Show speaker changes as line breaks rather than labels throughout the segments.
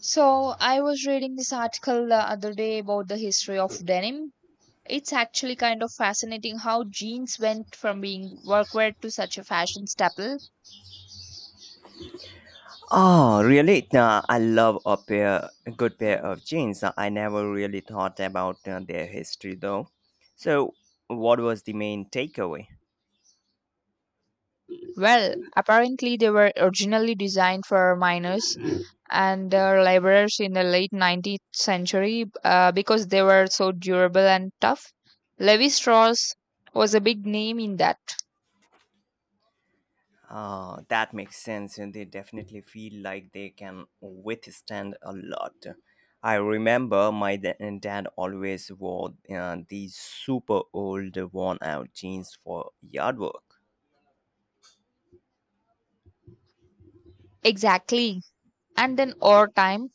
So, I was reading this article the other day about the history of denim. It's actually kind of fascinating how jeans went from being workwear to such a fashion staple.
Oh, really? I love a good pair of jeans. I never really thought about their history though. So, what was the main takeaway?
Well, apparently they were originally designed for miners and laborers in the late 19th century because they were so durable and tough. Levi Strauss was a big name in that.
That makes sense, and they definitely feel like they can withstand a lot. I remember my da- and dad always wore these super old, worn out jeans for yard work.
Exactly. And then over time,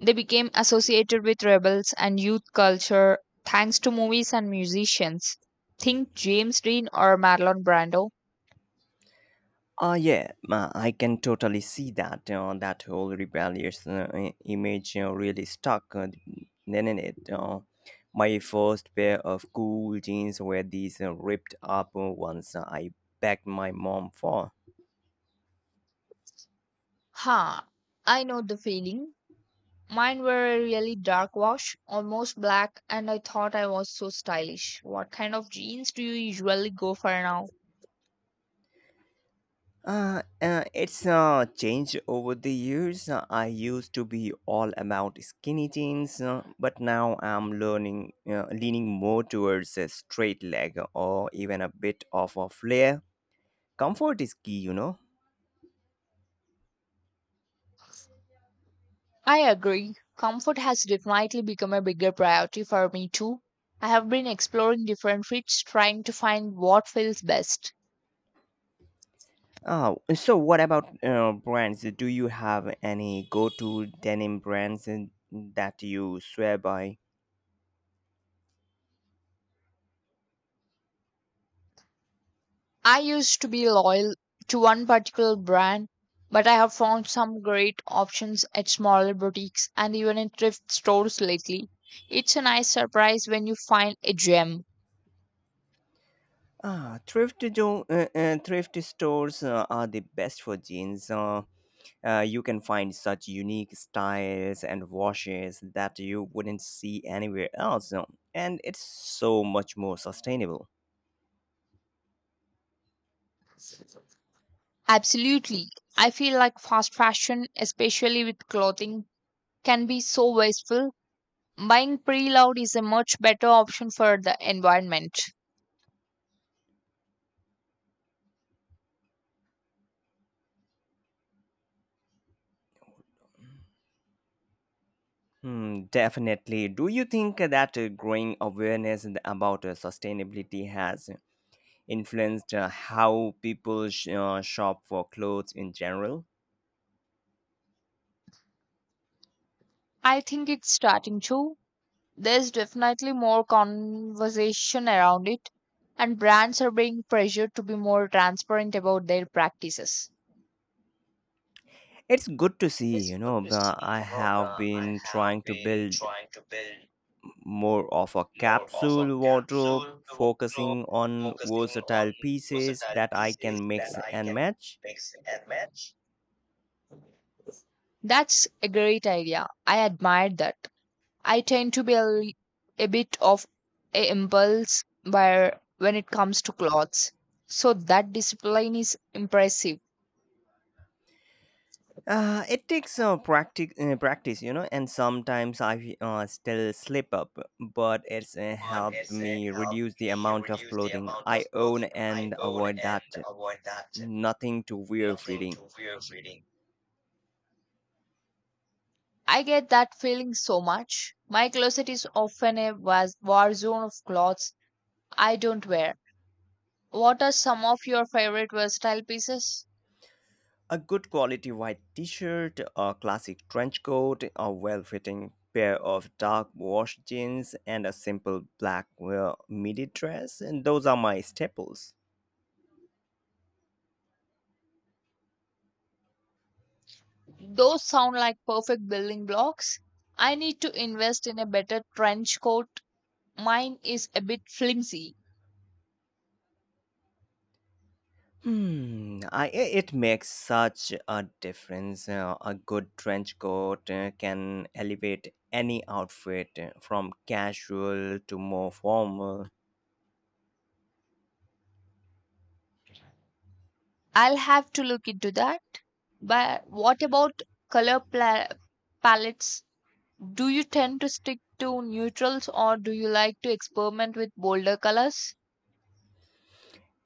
they became associated with rebels and youth culture thanks to movies and musicians. Think James Dean or Marlon Brando.
Yeah, I can totally see that. That whole rebellious image really stuck, didn't it? My first pair of cool jeans were these ripped up ones I begged my mom for.
Ha, I know the feeling. Mine were a really dark wash, almost black, and I thought I was so stylish. What kind of jeans do you usually go for now?
It's changed over the years. I used to be all about skinny jeans, but now I'm leaning more towards a straight leg or even a bit of a flare. Comfort is key,
I agree. Comfort has definitely become a bigger priority for me too. I have been exploring different fits, trying to find what feels best.
Oh, so what about brands? Do you have any go-to denim that you swear by?
I used to be loyal to one particular brand, but I have found some great options at smaller boutiques and even in thrift stores lately. It's a nice surprise when you find a gem.
Ah, thrift stores are the best for jeans. You can find such unique styles and washes that you wouldn't see anywhere else, and it's so much more sustainable.
Absolutely. I feel like fast fashion, especially with clothing, can be so wasteful. Buying pre loved is a much better option for the environment.
Hmm, definitely. Do you think that growing awareness about sustainability has influenced how people shop for clothes in general?
I think it's starting to. There's definitely more conversation around it, and brands are being pressured to be more transparent about their practices.
It's good to see, but I have been trying to build more of a capsule wardrobe, focusing on versatile pieces that I can mix and match.
That's a great idea. I admire that. I tend to be a, a bit of a impulse buyer when it comes to clothes. So that discipline is impressive.
It takes practice, and sometimes I still slip up, but it's helped me reduce the amount of clothing I own and avoid that nothing to wear feeling.
I get that feeling so much. My closet is often a war zone of clothes I don't wear. What are some of your favorite versatile pieces?
A good quality white t shirt, a classic trench coat, a well fitting pair of dark wash jeans, and a simple black midi dress. And those are my staples.
Those sound like perfect building blocks. I need to invest in a better trench coat. Mine is a bit flimsy.
Hmm, it makes such a difference. A good trench coat can elevate any outfit from casual to more formal.
I'll have to look into that. But what about color pla- palettes? Do you tend to stick to neutrals or do you like to experiment with bolder colors?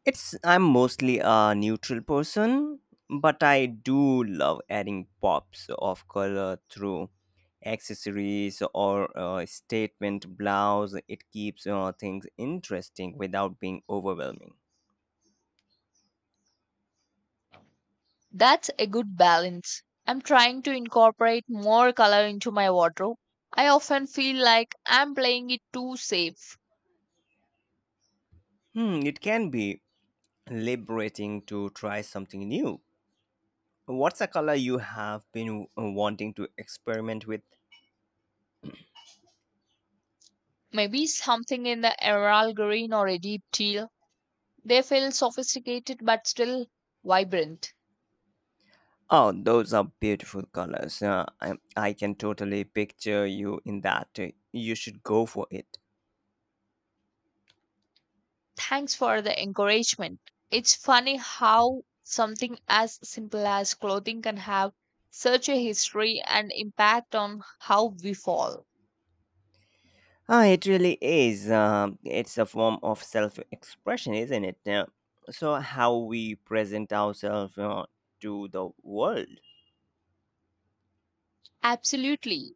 It's I'm mostly a neutral person, but I do love adding pops of color through accessories or a statement blouse. It keeps things interesting without being overwhelming.
That's a good balance. I'm trying to incorporate more color into my wardrobe. I often feel like I'm playing it too safe.
Hmm, it can be liberating to try something new. What's a color you have been wanting to experiment with?
Maybe something in the emerald green or a deep teal. They feel sophisticated but still vibrant.
Oh, those are beautiful colors. I can totally picture you in that. You should go for it.
Thanks for the encouragement. It's funny how something as simple as clothing can have such a history and impact on how we fall.
Ah, it really is. It's a form of self expression, isn't it? So, how we present ourselves to the world.
Absolutely.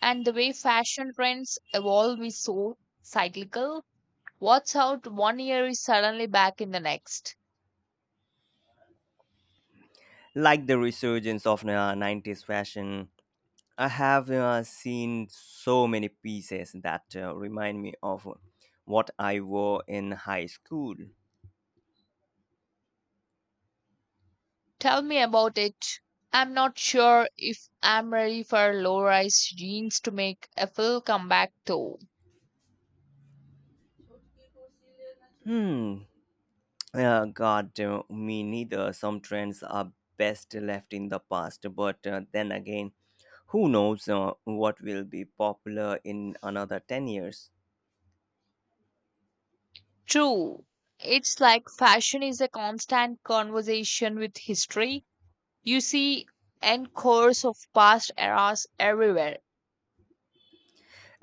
And the way fashion trends evolve is so cyclical. What's out one year is suddenly back in the next.
Like the resurgence of 90s fashion, I have seen so many pieces that remind me of what I wore in high school.
Tell me about it. I'm not sure if I'm ready for low rise jeans to make a full comeback though.
Hmm. God, me neither. Some trends are best left in the past, but then again, who knows what will be popular in another 10 years?
True. It's like fashion is a constant conversation with history. You see encores of past eras everywhere.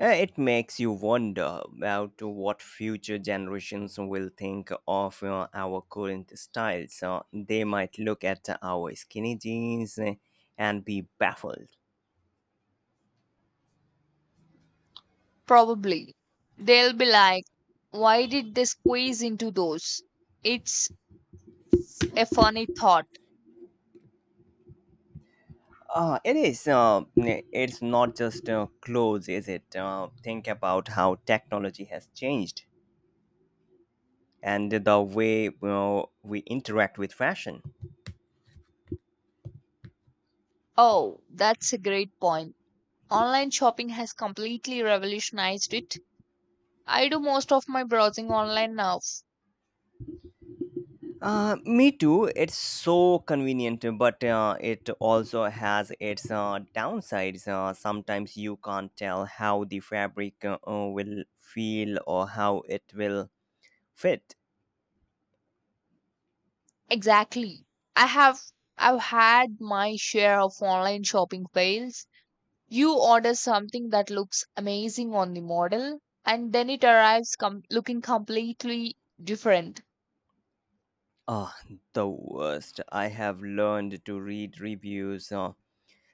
It makes you wonder about what future generations will think of our current styles. So they might look at our skinny jeans and be baffled.
Probably. They'll be like, why did they squeeze into those? It's a funny thought.
It is. It's not just clothes, is it? Think about how technology has changed and the way, we interact with fashion.
Oh, that's a great point. Online shopping has completely revolutionized it. I do most of my browsing online now.
Me too. It's so convenient, but it also has its downsides. Sometimes you can't tell how the fabric will feel or how it will fit.
Exactly. I have I've had my share of online shopping fails. You order something that looks amazing on the model, and then it arrives looking completely different.
Ah, the worst. I have learned to read reviews uh,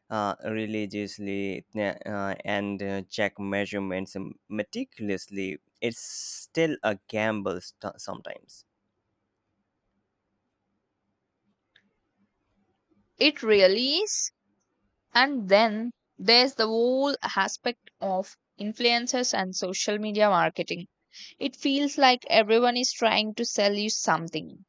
uh, religiously, and check measurements meticulously. It's still a gamble sometimes.
It really is. And then there's the whole aspect of influencers and social media marketing. It feels like everyone is trying to sell you something.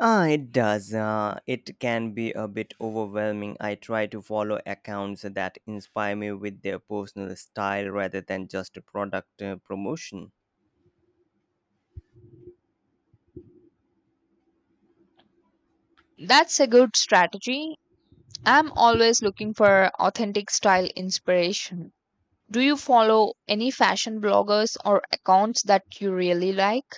Ah, it does. It can be a bit overwhelming. I try to follow accounts that inspire me with their personal style rather than just a product promotion.
That's a good strategy. I'm always looking for authentic style inspiration. Do you follow any fashion bloggers or accounts that you really like?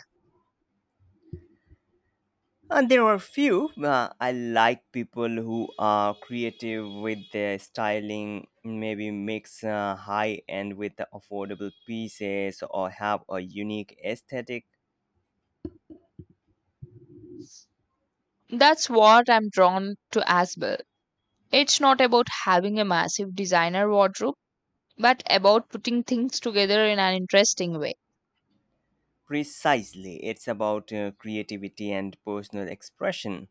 And there are few. I like people who are creative with their styling, maybe mix high end with the affordable pieces or have a unique aesthetic.
That's what I'm drawn to as well. It's not about having a massive designer wardrobe, but about putting things together in an interesting way.
Precisely, it's about creativity and personal expression.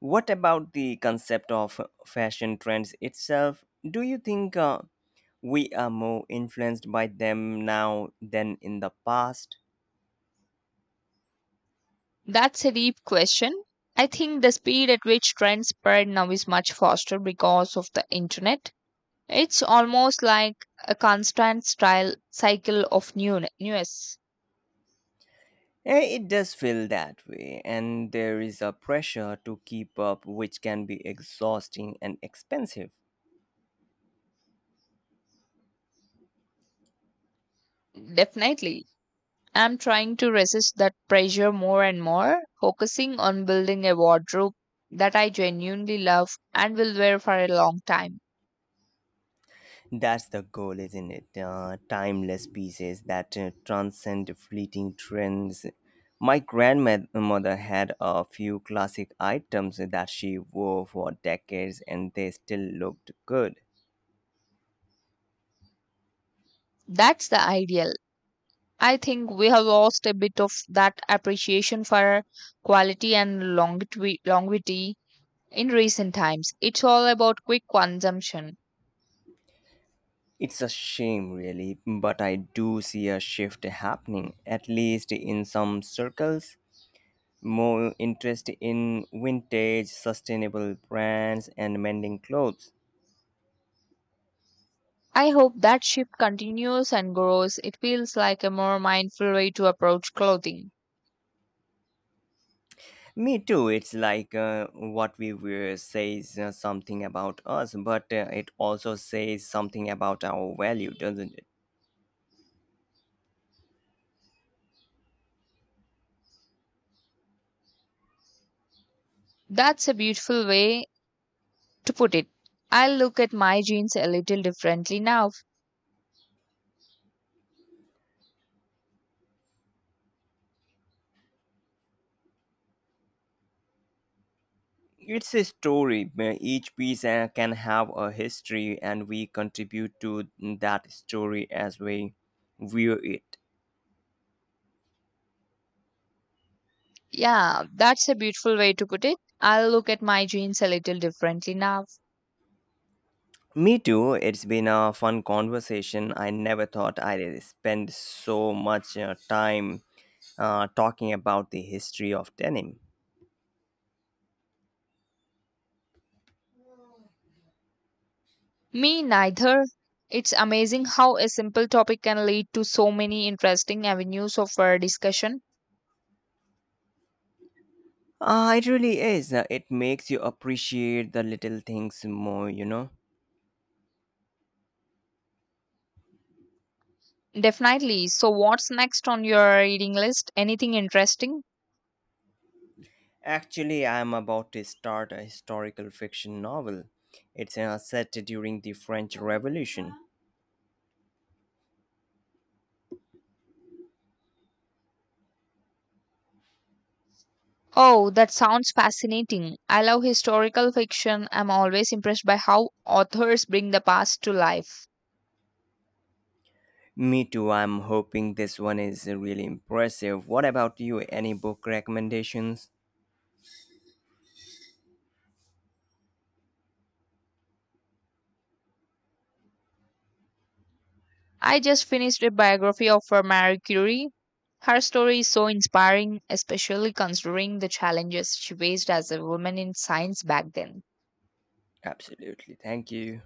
What about the concept of fashion trends itself? Do you think we are more influenced by them now than in the past?
That's a deep question. I think the speed at which trends spread now is much faster because of the internet. It's almost like a constant style cycle of new news.
Eh, it does feel that way, and there is a pressure to keep up, which can be exhausting and expensive.
Definitely. I'm trying to resist that pressure more and more, focusing on building a wardrobe that I genuinely love and will wear for a long time.
That's the goal, isn't it? Timeless pieces that transcend fleeting trends. My grandmother had a few classic items that she wore for decades and they still looked good.
That's the ideal. I think we have lost a bit of that appreciation for quality and longevity in recent times. It's all about quick consumption.
It's a shame, really, but I do see a shift happening, at least in some circles. More interest in vintage, sustainable brands, and mending clothes.
I hope that shift continues and grows. It feels like a more mindful way to approach clothing.
Me too. It's like what we wear says something about us, but it also says something about our value, doesn't it?
That's a beautiful way to put it. I'll look at my jeans a little differently now.
It's a story. Each piece can have a history, and we contribute to that story as we view it.
Yeah, that's a beautiful way to put it. I'll look at my jeans a little differently now.
Me too. It's been a fun conversation. I never thought I'd spend so much time talking about the history of denim.
Me neither. It's amazing how a simple topic can lead to so many interesting avenues of discussion.
Ah, it really is. It makes you appreciate the little things more,
Definitely. So, what's next on your reading list? Anything interesting?
Actually, I am about to start a historical fiction novel. It's set during the French Revolution.
Oh, that sounds fascinating. I love historical fiction. I'm always impressed by how authors bring the past to life.
Me too, I'm hoping this one is really impressive. What about you? Any book recommendations?
I just finished a biography of Marie Curie. Her story is so inspiring, especially considering the challenges she faced as a woman in science back then.
Absolutely, thank you.